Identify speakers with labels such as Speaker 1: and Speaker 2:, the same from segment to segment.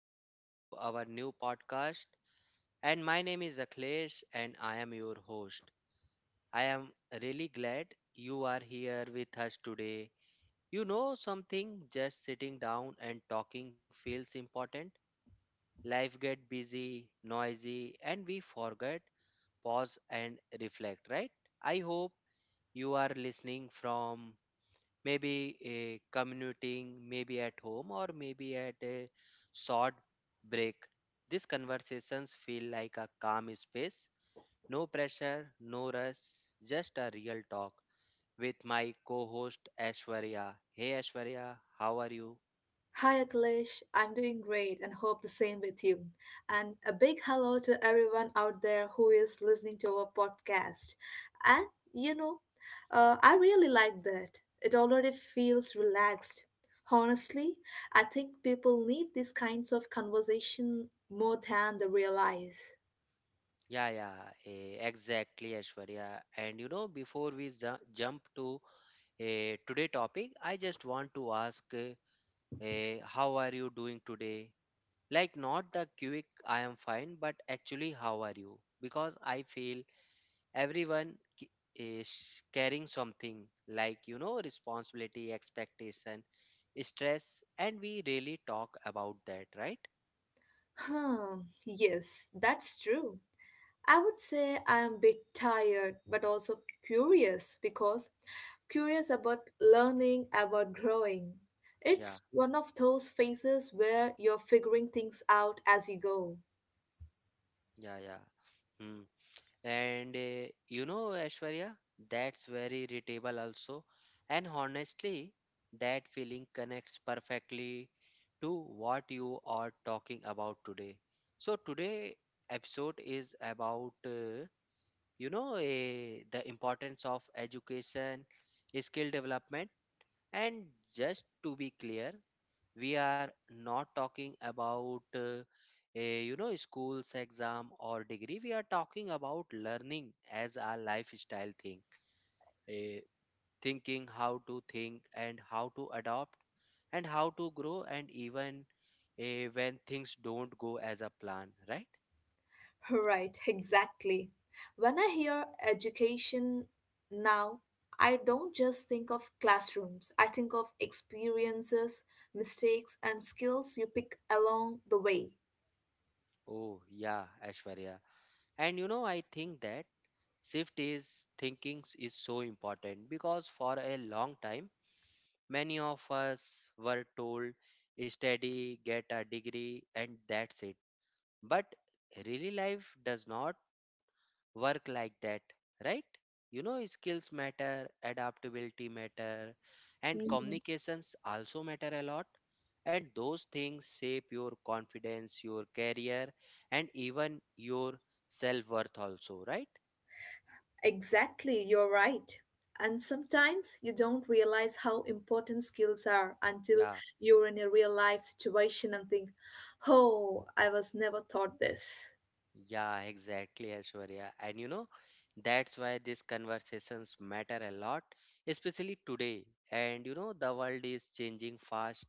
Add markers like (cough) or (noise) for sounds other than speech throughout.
Speaker 1: Welcome to our new podcast. And my name is Akhilesh, and I am your host. I am really glad you are here with us today. You know something, just sitting down and talking feels important. Life gets busy, noisy, and we forget, pause, and reflect, right? I hope you are listening from maybe a commuting, maybe at home, or maybe at a short break. These conversations feel like a calm space. No pressure, no rush, just a real talk with my co host Ashwarya. Hey Ashwarya, how are you?
Speaker 2: Hi Akhilesh, I'm doing great and hope the same with you. And a big hello to everyone out there who is listening to our podcast. And you know, I really like that. It already feels relaxed. Honestly, I think people need these kinds of conversation more than they realize.
Speaker 1: Yeah, yeah, exactly, Ashwarya. And you know, before we jump to today topic, I just want to ask, how are you doing today? Like, not the quick, I am fine, but actually, how are you? Because I feel everyone is carrying something like, you know, responsibility, expectation, stress, and we really talk about that, right?
Speaker 2: Hmm, yes, that's true. I would say I'm a bit tired, but also curious because curious about learning, about growing.
Speaker 1: Yeah,
Speaker 2: It's one of those phases where you're figuring things out as you go.
Speaker 1: yeah, yeah. Hmm. And you know, Ashwarya, that's very readable also. And honestly, that feeling connects perfectly to what you are talking about today. So today episode is about the importance of education, skill development, and just to be clear, we are not talking about a you know school's exam or degree, we are talking about learning as a lifestyle thing, eh, thinking how to think and how to adopt and how to grow and even when things don't go as a plan, right?
Speaker 2: (laughs) Right, exactly. When I hear education now, I don't just think of classrooms. I think of experiences, mistakes, and skills you pick along the way.
Speaker 1: Oh yeah, Ashwarya. And you know, I think that shift is thinking is so important because for a long time many of us were told study, get a degree, and that's it. But really, life does not work like that, right? You know, skills matter, adaptability matter, and communications also matter a lot. And those things shape your confidence, your career, and even your self worth, also, right?
Speaker 2: Exactly, you're right. And sometimes you don't realize how important skills are until
Speaker 1: Yeah.
Speaker 2: you're in a real life situation and think, oh, I was never taught this.
Speaker 1: Yeah, exactly, Aishwarya. And you know, that's why these conversations matter a lot, especially today. And you know, the world is changing fast,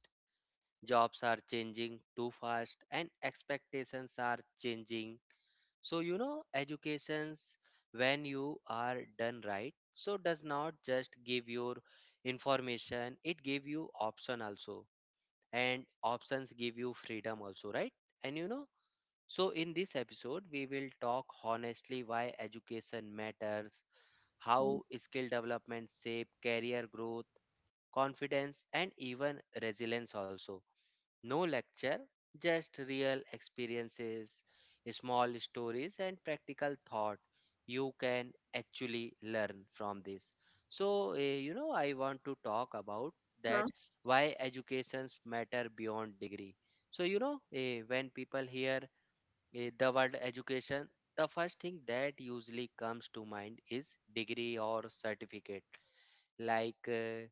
Speaker 1: jobs are changing too fast, and expectations are changing. So, you know, educations, when you are done right, so does not just give your information, it give you option also. And options give you freedom also, right? And you know, so, in this episode, we will talk honestly why education matters,
Speaker 2: Mm.
Speaker 1: how skill development shape career growth, confidence, and even resilience also. No lecture, just real experiences, small stories, and practical thought you can actually learn from this. So, you know, I want to talk about that
Speaker 2: Huh?
Speaker 1: why educations matter beyond degree. So, you know, when people hear the word education, the first thing that usually comes to mind is degree or certificate. Like,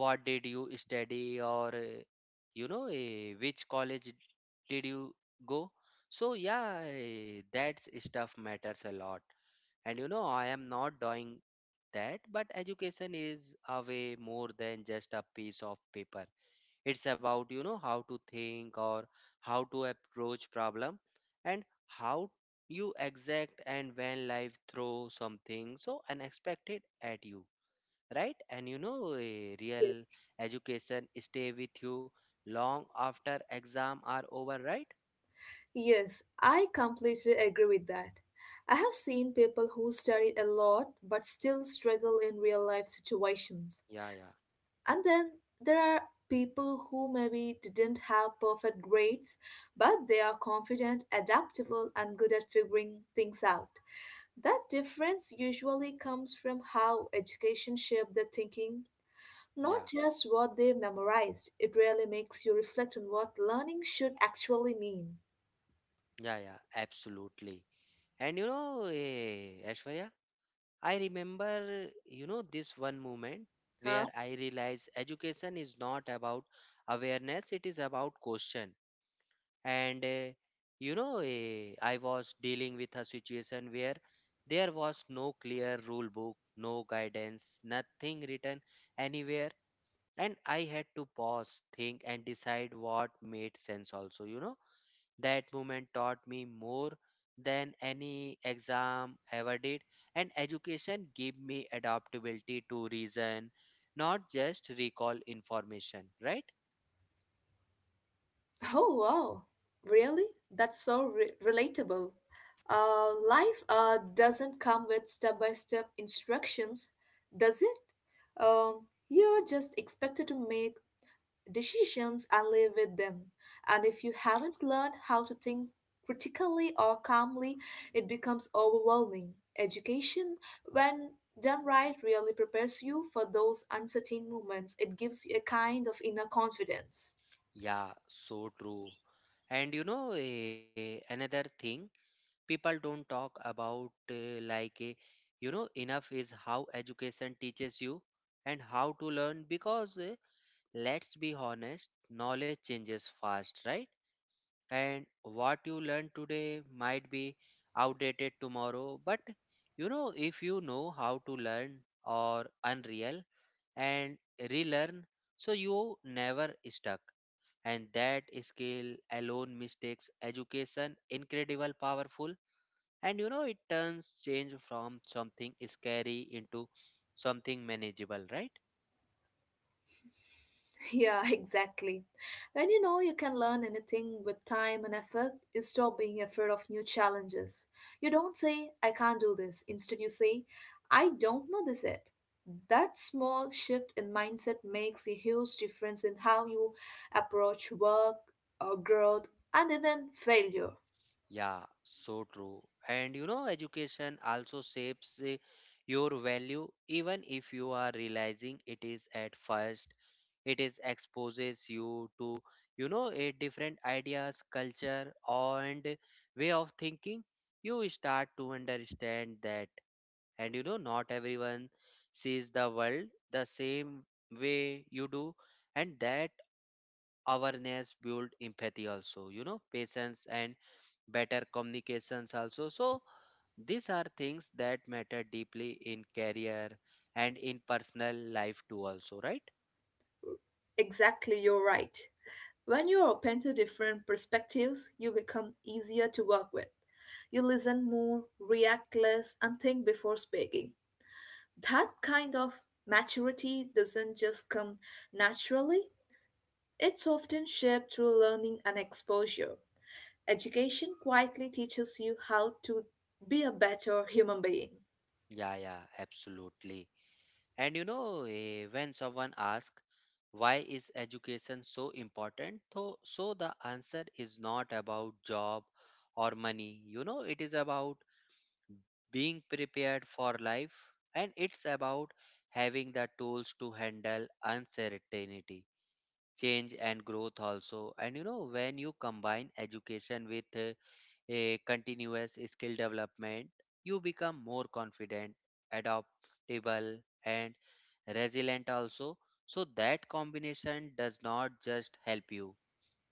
Speaker 1: what did you study, or you know, which college did you go? So, yeah, that stuff matters a lot. And you know, I am not doing that, but education is a way more than just a piece of paper. It's about, you know, how to think, or how to approach problem, and how you exact, and when life throw something so unexpected at you, right? And you know, a
Speaker 2: Yes.
Speaker 1: real education stay with you long after exam are over, right?
Speaker 2: Yes, I completely agree with that. I have seen people who studied a lot but still struggle in real life situations.
Speaker 1: yeah yeah
Speaker 2: And then there are people who maybe didn't have perfect grades, but they are confident, adaptable, and good at figuring things out. That difference usually comes from how education shaped their thinking,
Speaker 1: yeah
Speaker 2: not just what they memorized. It really makes you reflect on what learning should actually mean.
Speaker 1: yeah yeah Absolutely. And you know, Aishwarya, I remember, you know, this one moment
Speaker 2: Huh?
Speaker 1: where I realized education is not about awareness, it is about question. And, you know, I was dealing with a situation where there was no clear rule book, no guidance, nothing written anywhere. And I had to pause, think, and decide what made sense, also, you know, that moment taught me more than any exam ever did, and education gave me adaptability to reason, not just recall information, right?
Speaker 2: Oh, wow. Really? That's so relatable. Life doesn't come with step by step instructions, does it? You're just expected to make decisions and live with them. And if you haven't learned how to think critically or calmly, it becomes overwhelming. Education, when done right, really prepares you for those uncertain moments. It gives you a kind of inner confidence.
Speaker 1: Yeah, so true. And you know, another thing people don't talk about, you know, enough is how education teaches you and how to learn because, let's be honest, knowledge changes fast, right? And what you learn today might be outdated tomorrow, but you know, if you know how to learn or unreal and relearn, so you never stuck, and that skill alone mistakes education incredible powerful. And you know, it turns change from something scary into something manageable, right?
Speaker 2: Yeah, (laughs) exactly. When you know you can learn anything with time and effort, you stop being afraid of new challenges. You don't say, I can't do this. Instead, you say, I don't know this yet. That small shift in mindset makes a huge difference in how you approach work, growth, and even failure.
Speaker 1: Yeah, so true. And you know, education also shapes your value, even if you are realizing it is at first. It is exposes you to, you know, a different ideas, culture, and way of thinking. You start to understand that, and you know, not everyone sees the world the same way you do, and that awareness build empathy also. You know, patience and better communications also, so these are things that matter deeply in career and in personal life too also, right?
Speaker 2: Exactly, you're right. When you're open to different perspectives, you become easier to work with. You listen more, react less, and think before speaking. That kind of maturity doesn't just come naturally, it's often shaped through learning and exposure. Education quietly teaches you how to be a better human being.
Speaker 1: Yeah, yeah, absolutely. And you know, when someone asks why is education so important, so the answer is not about job or money, you know, it is about being prepared for life, and it's about having the tools to handle uncertainty, change and growth also. And you know, when you combine education with a continuous skill development, you become more confident, adaptable, and resilient also. So that combination does not just help you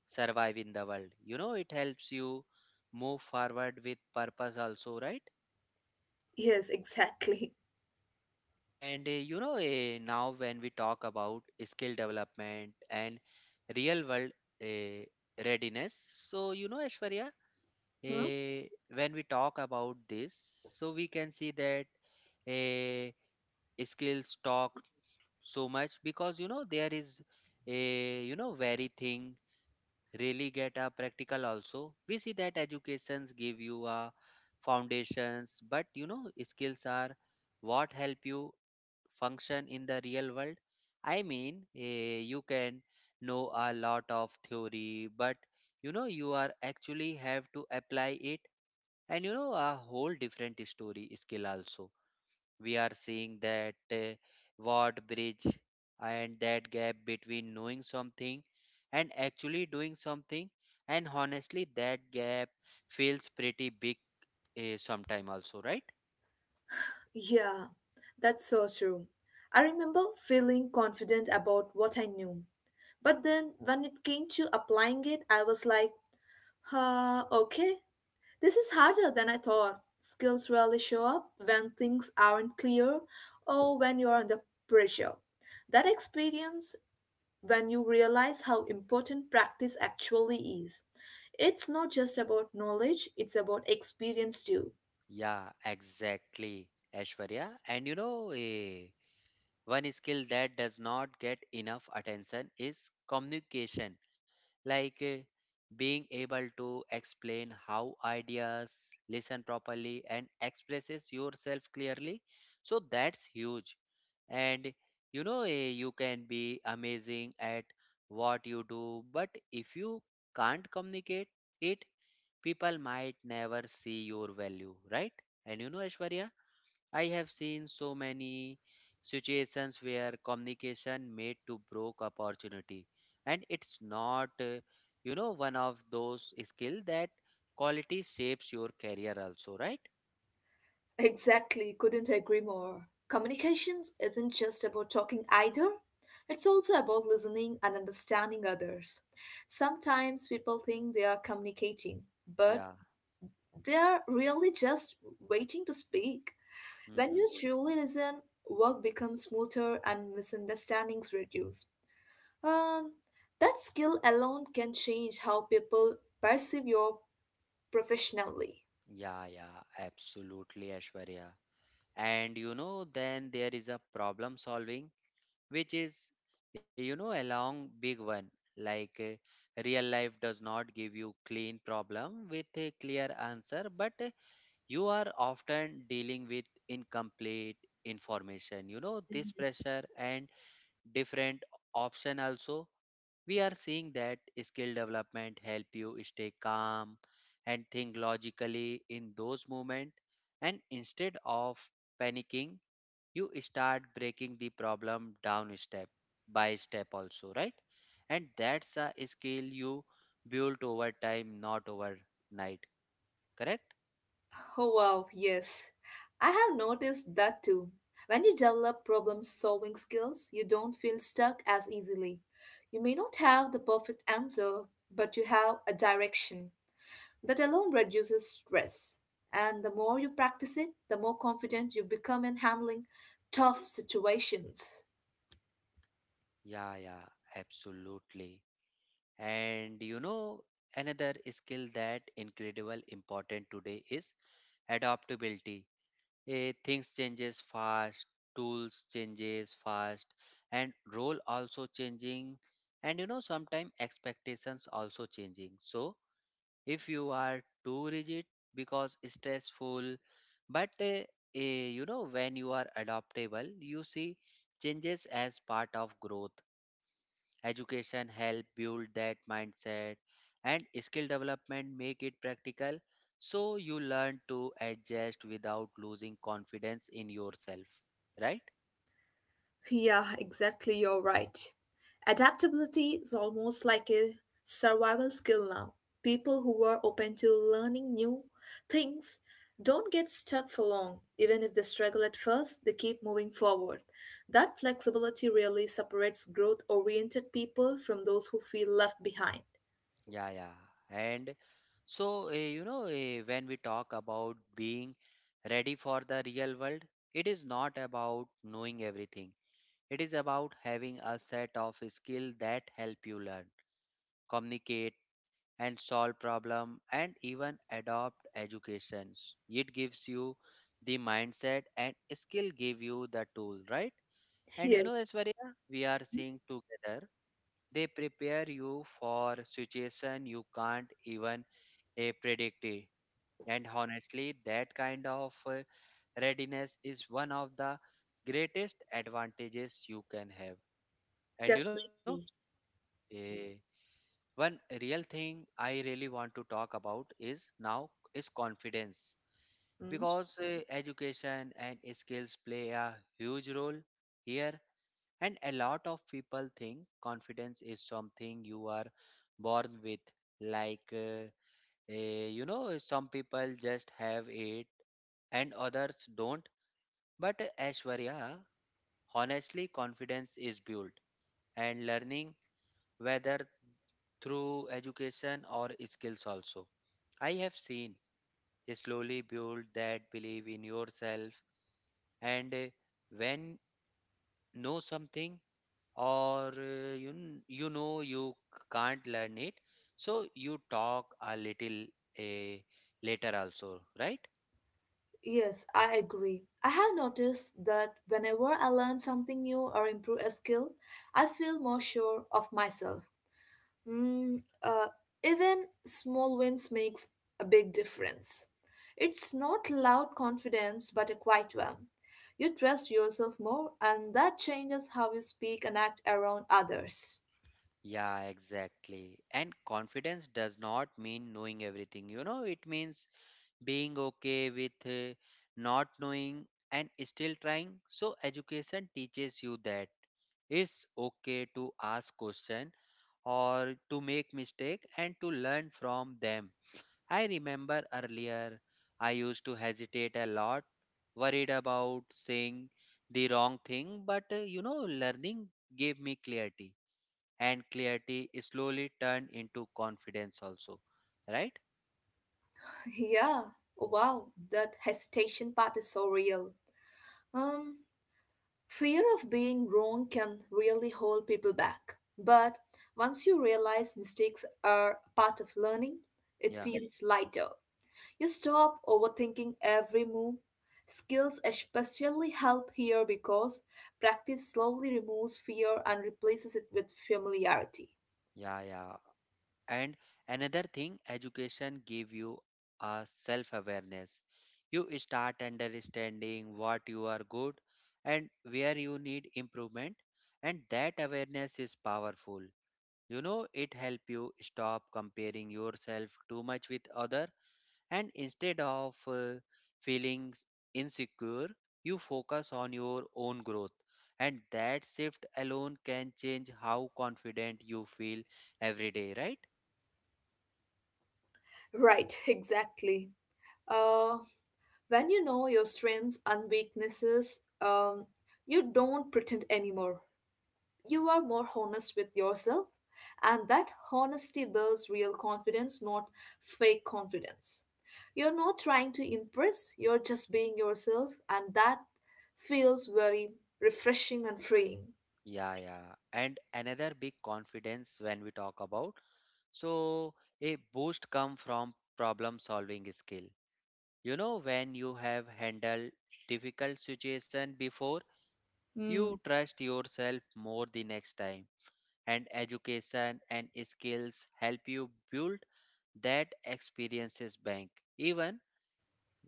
Speaker 1: survive in the world, you know, it helps you move forward with purpose also, right?
Speaker 2: Yes, (laughs) exactly.
Speaker 1: And you know, now when we talk about skill development and real world uh, readiness, so you know, Ashwarya,
Speaker 2: Huh?
Speaker 1: uh, when we talk about this, so we can see that uh, skills talk so much because you know there is a you know very thing really get a practical also, we see that educations give you a foundations, but you know skills are what help you function in the real world. I mean, you can know a lot of theory, but you know you are actually have to apply it, and you know a whole different story skill also. We are seeing that what bridge and that gap between knowing something and actually doing something, and honestly that gap feels pretty big, sometime also, right?
Speaker 2: Yeah, that's so true. I remember feeling confident about what I knew. But then when it came to applying it, I was like, okay, this is harder than I thought. Skills rarely show up when things aren't clear or when you're under pressure. That experience, when you realize how important practice actually is, it's not just about knowledge, it's about experience too.
Speaker 1: Yeah, exactly, Ashwarya. And you know, one skill that does not get enough attention is communication. Like, being able to explain how ideas listen properly and expresses yourself clearly, so that's huge. And you know, you can be amazing at what you do, but if you can't communicate it, people might never see your value, right? And you know, Aishwarya, I have seen so many situations where communication made to broke opportunity, and it's not you know one of those skill that quality shapes your career also, right?
Speaker 2: (laughs) Exactly, couldn't agree more. Communications isn't just about talking either. It's also about listening and understanding others. Sometimes people think they are communicating, but
Speaker 1: Yeah.
Speaker 2: they are really just waiting to speak. When you
Speaker 1: Hmm.
Speaker 2: truly listen, work becomes smoother and misunderstandings reduce. Um, that skill alone can change how people perceive you professionally.
Speaker 1: Yeah, yeah, absolutely, Ashwarya. And you know, then there is a problem solving which is, you know, a long big one. Like, real life does not give you clean problem with a clear answer, but you are often dealing with incomplete information, you know, this pressure and different option also. We are seeing that skill development help you stay calm and think logically in those moments, and instead of panicking, you start breaking the problem down step by step also, right? And that's a skill you build over time, not overnight, correct?
Speaker 2: Oh wow, yes. I have noticed that too. When you develop problem solving skills, you don't feel stuck as easily. You may not have the perfect answer, but you have a direction. That alone reduces stress. And the more you practice it, the more confident you become in handling tough situations.
Speaker 1: Yeah, yeah, absolutely. And you know, another skill that incredible important today is adaptability. Eh, things changes fast, tools changes fast, and role also changing. And you know, sometimes expectations also changing. So if you are too rigid because stressful, but you know, when you are adaptable, you see changes as part of growth. Education help build that mindset and skill development make it practical, so you learn to adjust without losing confidence in yourself, right?
Speaker 2: Yeah, exactly, you're right. Adaptability is almost like a survival skill now. People who are open to learning new things don't get stuck for long. Even if they struggle at first, they keep moving forward. That flexibility really separates growth oriented people from those who feel left behind.
Speaker 1: Yeah, yeah. And so, you know, when we talk about being ready for the real world, it is not about knowing everything. It is about having a set of skills that help you learn, communicate, and solve problem and even adopt educations, it gives you the mindset and skill give you the tool, right? And you
Speaker 2: Yes,
Speaker 1: know, Aishwarya, we are seeing together they prepare you for situation you can't even predict it. And honestly, that kind of readiness is one of the greatest advantages you can have. And you know,
Speaker 2: definitely.
Speaker 1: eh, one real thing I really want to talk about is now is confidence,
Speaker 2: Mm.
Speaker 1: because education and skills play a huge role here. And a lot of people think confidence is something you are born with, like, you know, some people just have it and others don't. But Ashwarya, honestly, confidence is built and learning, whether through education or skills also. I have seen slowly build that belief in yourself, and when know something, or you know you can't learn it, so you talk a little uh, later also, right?
Speaker 2: Yes, I agree. I have noticed that whenever I learn something new or improve a skill, I feel more sure of myself. Mm, uh, Even small wins makes a big difference. It's not loud confidence, but a quiet one. You trust yourself more, and that changes how you speak and act around others.
Speaker 1: Yeah, exactly. And confidence does not mean knowing everything. You know, it means being okay with not knowing and still trying. So education teaches you that it's okay to ask question or to make mistake and to learn from them. I remember earlier I used to hesitate a lot, worried about saying the wrong thing, but you know, learning gave me clarity, and clarity slowly turned into confidence also, right?
Speaker 2: (laughs) Yeah, wow, that hesitation part is so real. Um, Fear of being wrong can really hold people back. But once you realize mistakes are part of learning, it
Speaker 1: yeah
Speaker 2: feels lighter. You stop overthinking every move. Skills especially help here because practice slowly removes fear and replaces it with familiarity.
Speaker 1: yeah yeah And another thing, education give you a self awareness. You start understanding what you are good and where you need improvement, and that awareness is powerful. You know, it help you stop comparing yourself too much with other, and instead of feeling insecure, you focus on your own growth. And that shift alone can change how confident you feel every day, right?
Speaker 2: Right, (laughs) exactly. Uh, when you know your strengths and weaknesses, you don't pretend anymore. You are more honest with yourself, and that honesty builds real confidence, not fake confidence. You're not trying to impress, you're just being yourself, and that feels very refreshing and freeing.
Speaker 1: Yeah, yeah. And another big confidence when we talk about. So a boost come from problem solving skill. You know, when you have handled difficult situation before,
Speaker 2: Mm.
Speaker 1: you trust yourself more the next time. And education and skills help you build that experiences bank. Even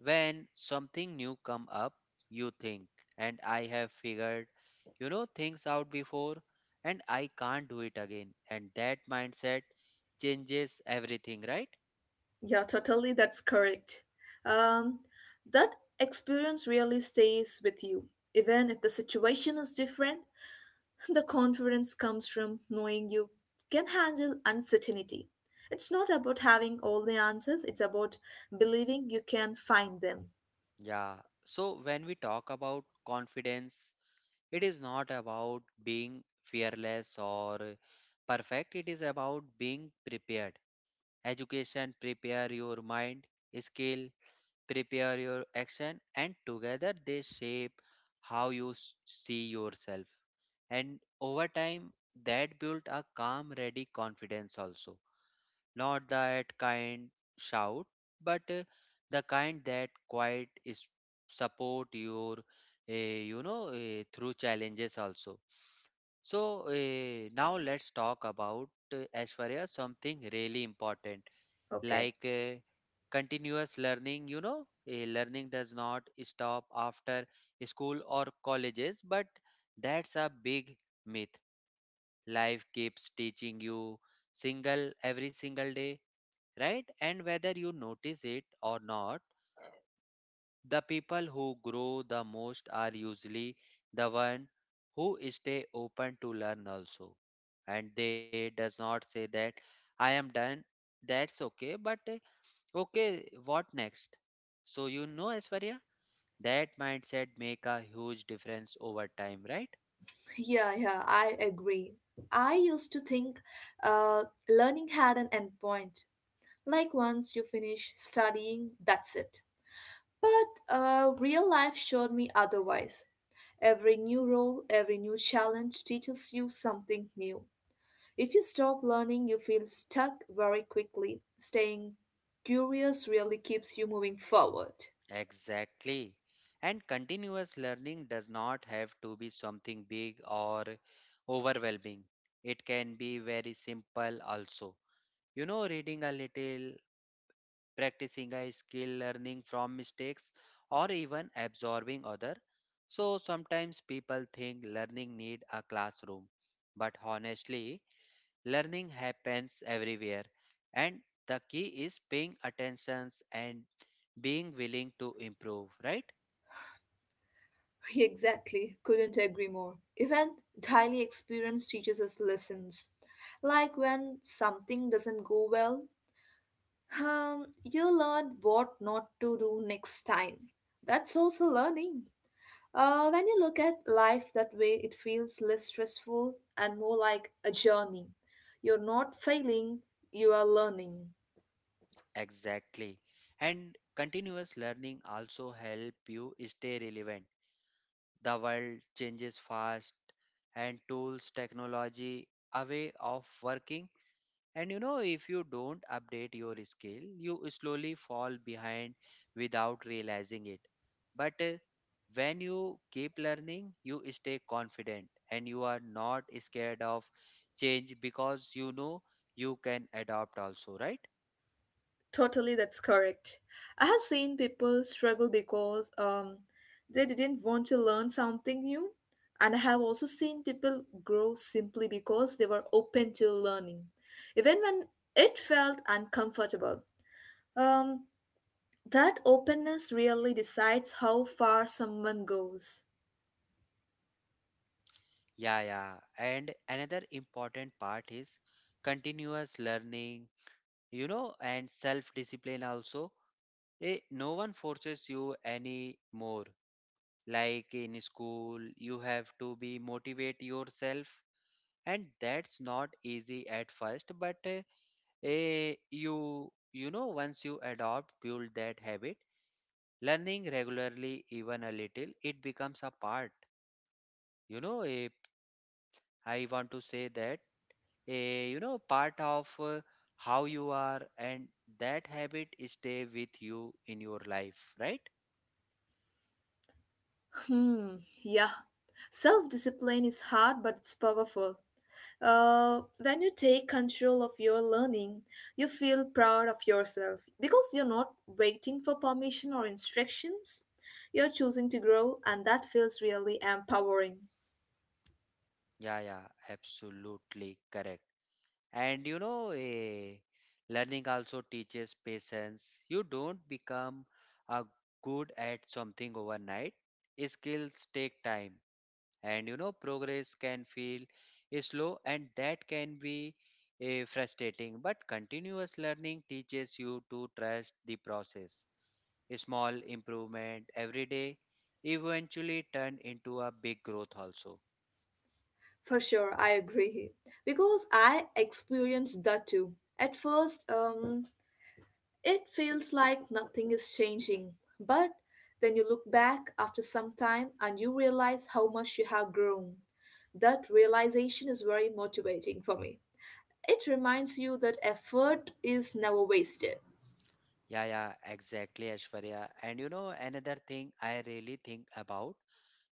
Speaker 1: when something new come up, you think and I have figured, you know, things out before and I can't do it again, and that mindset changes everything, right?
Speaker 2: Yeah, totally, that's correct. um, that experience really stays with you even if the situation is different. The confidence comes from knowing you can handle uncertainty. It's not about having all the answers, it's about believing you can find them.
Speaker 1: Yeah. So when we talk about confidence, it is not about being fearless or perfect, it is about being prepared. Education prepare your mind, skill prepare your action, and together they shape how you see yourself. And over time, that built a calm, ready confidence also. Not that kind shout, but the kind that quite is support your, you know, through challenges also. So now let's talk about Aishwarya something really important,
Speaker 2: Okay.
Speaker 1: like continuous learning. You know, learning does not stop after school or colleges, but that's a big myth. Life keeps teaching you single every single day, right? And whether you notice it or not, the people who grow the most are usually the one who stay open to learn also. And they does not say that I am done. That's okay, but okay, what next? So you know, Aishwarya, that mindset make a huge difference over time, right?
Speaker 2: Yeah, yeah, I agree. I used to think uh, learning had an endpoint. Like once you finish studying, that's it. But real life showed me otherwise. Every new role, every new challenge teaches you something new. If you stop learning, you feel stuck very quickly. Staying curious really keeps you moving forward.
Speaker 1: Exactly. And continuous learning does not have to be something big or overwhelming. It can be very simple also. You know, reading a little, practicing a skill, learning from mistakes, or even absorbing other. So sometimes people think learning need a classroom, but honestly, learning happens everywhere, and the key is paying attentions and being willing to improve, right?
Speaker 2: (laughs) Exactly, couldn't agree more. Even daily experience teaches us lessons. Like when something doesn't go well, you learn what not to do next time. That's also learning. When you look at life that way, it feels less stressful and more like a journey. You're not failing, you are learning.
Speaker 1: Exactly. And continuous learning also help you stay relevant. The world changes fast, and tools, technology, a way of working. And you know, if you don't update your skill, you slowly fall behind without realizing it. But when you keep learning, you stay confident and you are not scared of change, because you know you can adapt also, right?
Speaker 2: Totally, that's correct. I have seen people struggle because they didn't want to learn something new, and I have also seen people grow simply because they were open to learning, even when it felt uncomfortable. Um, that openness really decides how far someone goes.
Speaker 1: Yeah, yeah. And another important part is continuous learning, you know, and self discipline also. No one forces you anymore. Like in school, you have to be motivate yourself, and that's not easy at first, but you know, once you adopt build that habit, learning regularly even a little, it becomes a part. You know, I want to say that you know, part of how you are, and that habit stay with you in your life, right?
Speaker 2: Hmm, yeah. Self discipline is hard, but it's powerful. When you take control of your learning, you feel proud of yourself because you're not waiting for permission or instructions. You're choosing to grow, and that feels really empowering.
Speaker 1: Yeah, yeah, absolutely correct. And you know, learning also teaches patience. You don't become a good at something overnight. Skills take time, and you know, progress can feel slow, and that can be frustrating. But continuous learning teaches you to trust the process. Small improvement every day eventually turn into a big growth also.
Speaker 2: For sure, I agree. Because I experienced that too. At first, it feels like nothing is changing. But then you look back after some time and you realize how much you have grown. That realization is very motivating for me. It reminds you that effort is never wasted.
Speaker 1: Yeah, yeah, exactly, Ashwarya. And you know, another thing I really think about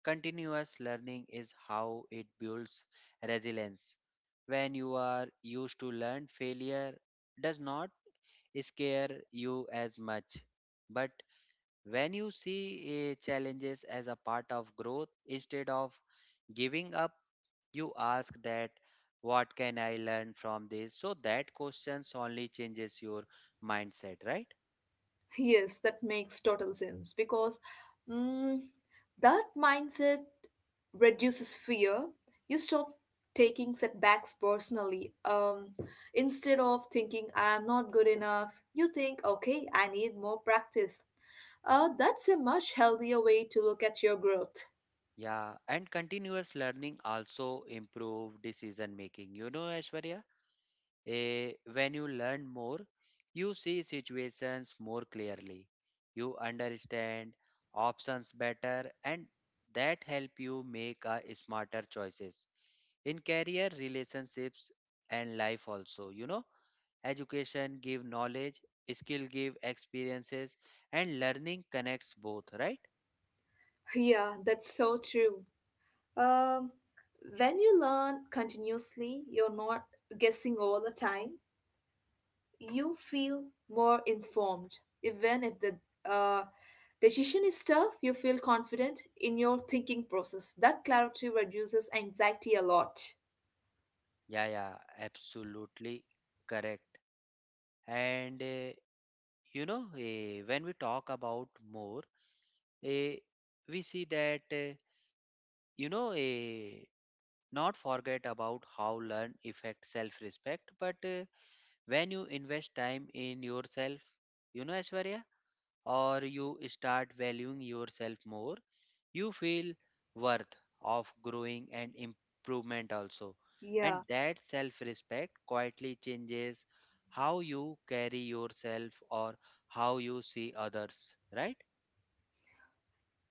Speaker 1: continuous learning is how it builds resilience. When you are used to learn, failure does not scare you as much. But when you see challenges as a part of growth instead of giving up, you ask that what can I learn from this? So that questions only changes your mindset, right?
Speaker 2: Yes, that makes total sense because mm, that mindset reduces fear. You stop taking setbacks personally. Instead of thinking, I am not good enough, you think, okay, I need more practice. That's a much healthier way to look at your growth.
Speaker 1: Yeah, and continuous learning also improve decision making. You know, Aishwarya, when you learn more, you see situations more clearly. You understand options better, and that help you make smarter choices in career, relationships, and life also. You know, education give knowledge, skill give experiences, and learning connects both, right?
Speaker 2: (laughs) Yeah, that's so true. Um, when you learn continuously, you're not guessing all the time. You feel more informed. Even if the uh, decision is tough, you feel confident in your thinking process. That clarity reduces anxiety a lot.
Speaker 1: Yeah, yeah, absolutely correct. And you know, when we talk about more, eh, we see that you know, not forget about how learn affects self-respect. But when you invest time in yourself, you know, Ashwarya, or you start valuing yourself more, you feel worth of growing and improvement also, and
Speaker 2: Yeah,
Speaker 1: that self respect quietly changes how you carry yourself or how you see others, right?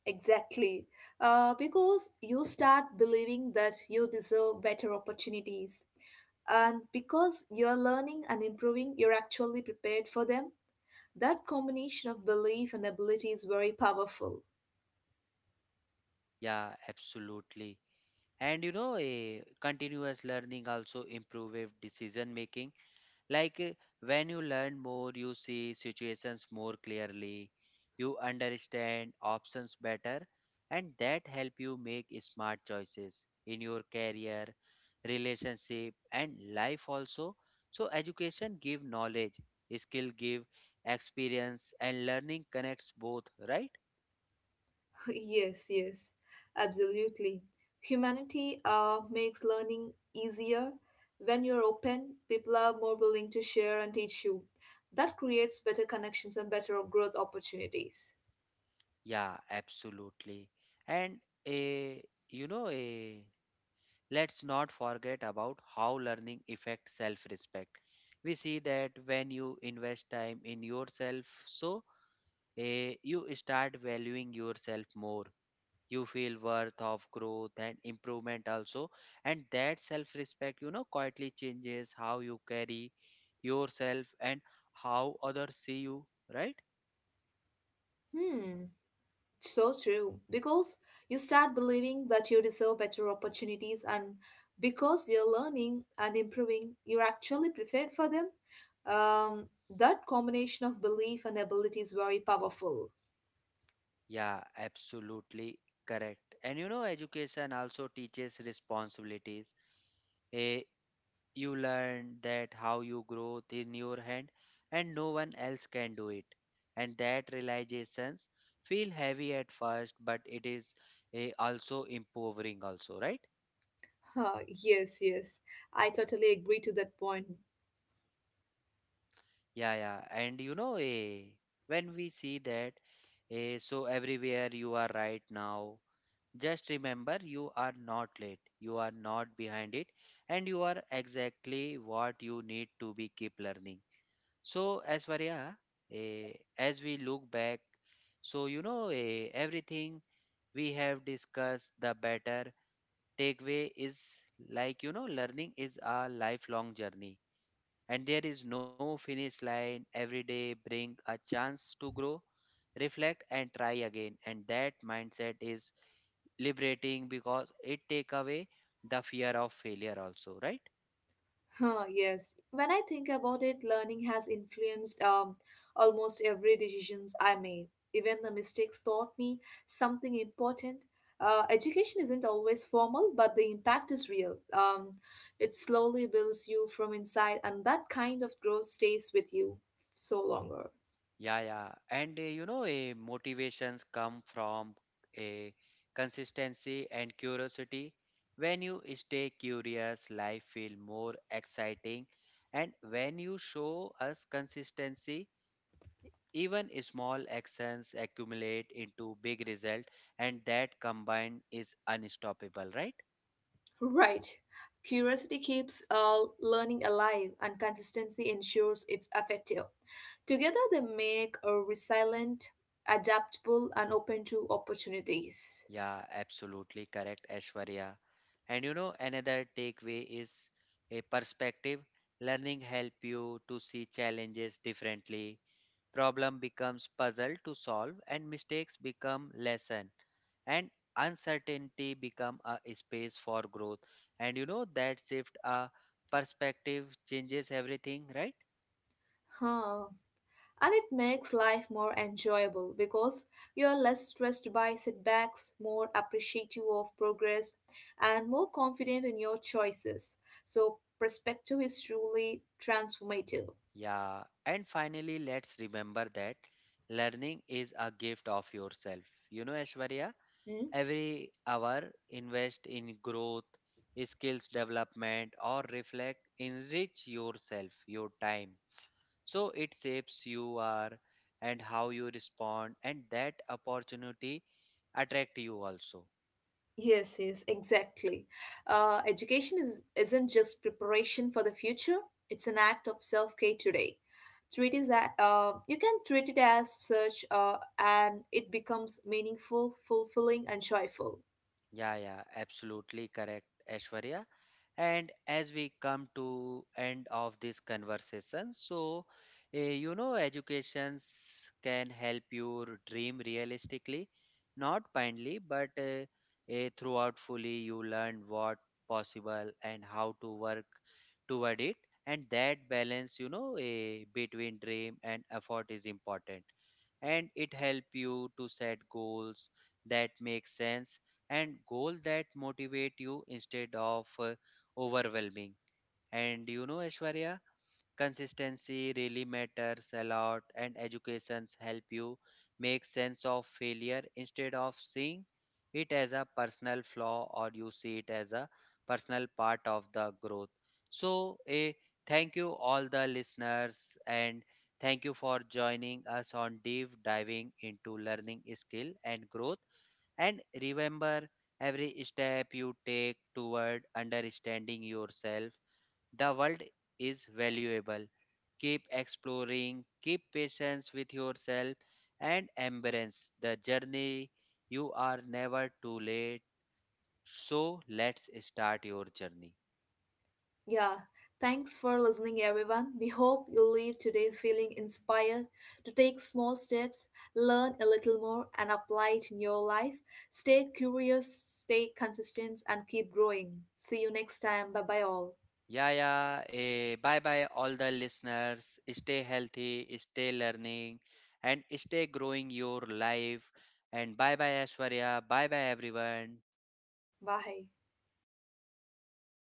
Speaker 2: exactly. Because you start believing that you deserve better opportunities. And because you're learning and improving, you're actually prepared for them. That combination of belief and ability is very powerful.
Speaker 1: Yeah, absolutely. And you know, a continuous learning also improves decision making. Like when you learn more, you see situations more clearly, you understand options better, and that help you make smart choices in your career, relationship, and life also. So education give knowledge, skill give experience, and learning connects both, right?
Speaker 2: Yes, yes, absolutely. Humanity makes learning easier. When you're open, people are more willing to share and teach you. That creates better connections and better growth opportunities.
Speaker 1: Yeah, absolutely. And a you know a Let's not forget about how learning affects self-respect. We see that when you invest time in yourself, so you start valuing yourself more. You feel worth of growth and improvement also, and that self-respect, you know, quietly changes how you carry yourself and how others see you, right?
Speaker 2: Hmm, so true. Because you start believing that you deserve better opportunities, and because you're learning and improving, you're actually prepared for them. Um, that combination of belief and ability is very powerful.
Speaker 1: Yeah, absolutely correct. And you know, education also teaches responsibilities. Eh, You learn that how you grow in your hand and no one else can do it. And that realizations feel heavy at first, but it is also empowering also, right?
Speaker 2: Huh, yes, yes. I totally agree to that point.
Speaker 1: Yeah, yeah. And you know, when we see that, so everywhere you are right now, just remember you are not late, you are not behind it, and you are exactly what you need to be keep learning. So, as Varya, as we look back, so you know, everything we have discussed, the better takeaway is, like, you know, learning is a lifelong journey and there is no finish line. Every day bring a chance to grow, reflect and try again. And that mindset is liberating because it take away the fear of failure also, right?
Speaker 2: Huh, yes. When I think about it, learning has influenced almost every decisions I made. Even the mistakes taught me something important. Education isn't always formal, but the impact is real. It slowly builds you from inside, and that kind of growth stays with you so longer.
Speaker 1: Yeah, yeah. And you know, motivations come from a consistency and curiosity. When you stay curious, life feel more exciting. And when you show us consistency, even small actions accumulate into big result, and that combined is unstoppable, right?
Speaker 2: Right. Curiosity keeps learning alive and consistency ensures it's effective. Together, they make a resilient, adaptable, and open to opportunities.
Speaker 1: Yeah, absolutely correct, Ashwarya. And you know, another takeaway is a perspective. Learning help you to see challenges differently. Problem becomes puzzle to solve and mistakes become lesson, and uncertainty become a space for growth. And you know that shift a perspective changes everything, right?
Speaker 2: Huh. And it makes life more enjoyable because you're less stressed by setbacks, more appreciative of progress, and more confident in your choices. So, perspective is truly transformative.
Speaker 1: Yeah. And finally, let's remember that learning is a gift of yourself. You know, Ashwarya? Every hour invest in growth, skills development, or reflect, enrich yourself, your time. So it shapes you are and how you respond, and that opportunity attract you also.
Speaker 2: Yes, yes, exactly. Education isn't just preparation for the future, it's an act of self care today. Treat is that you can treat it as such, and it becomes meaningful, fulfilling, and joyful.
Speaker 1: Yeah, yeah, absolutely correct, Aishwarya. And as we come to end of this conversation, so you know, educations can help your dream realistically, not blindly, but throughout fully you learn what possible and how to work toward it, and that balance, you know, between dream and effort is important, and it help you to set goals that make sense and goal that motivate you instead of overwhelming. And you know, Aishwarya, consistency really matters a lot, and educations help you make sense of failure instead of seeing it as a personal flaw, or you see it as a personal part of the growth. So a thank you all the listeners, and thank you for joining us on deep diving into learning skill and growth. And remember, every step you take toward understanding yourself, the world, is valuable. Keep exploring, keep patience with yourself, and embrace the journey. You are never too late. So let's start your journey.
Speaker 2: Yeah, thanks for listening, everyone. We hope you leave today feeling inspired to take small steps, learn a little more, and apply it in your life. Stay curious, stay consistent, and keep growing. See you next time. Bye bye, all.
Speaker 1: Yeah, yeah. Bye bye, all the listeners. Stay healthy, stay learning, and stay growing your life. And bye bye, Ashwarya. Bye bye, everyone.
Speaker 2: Bye.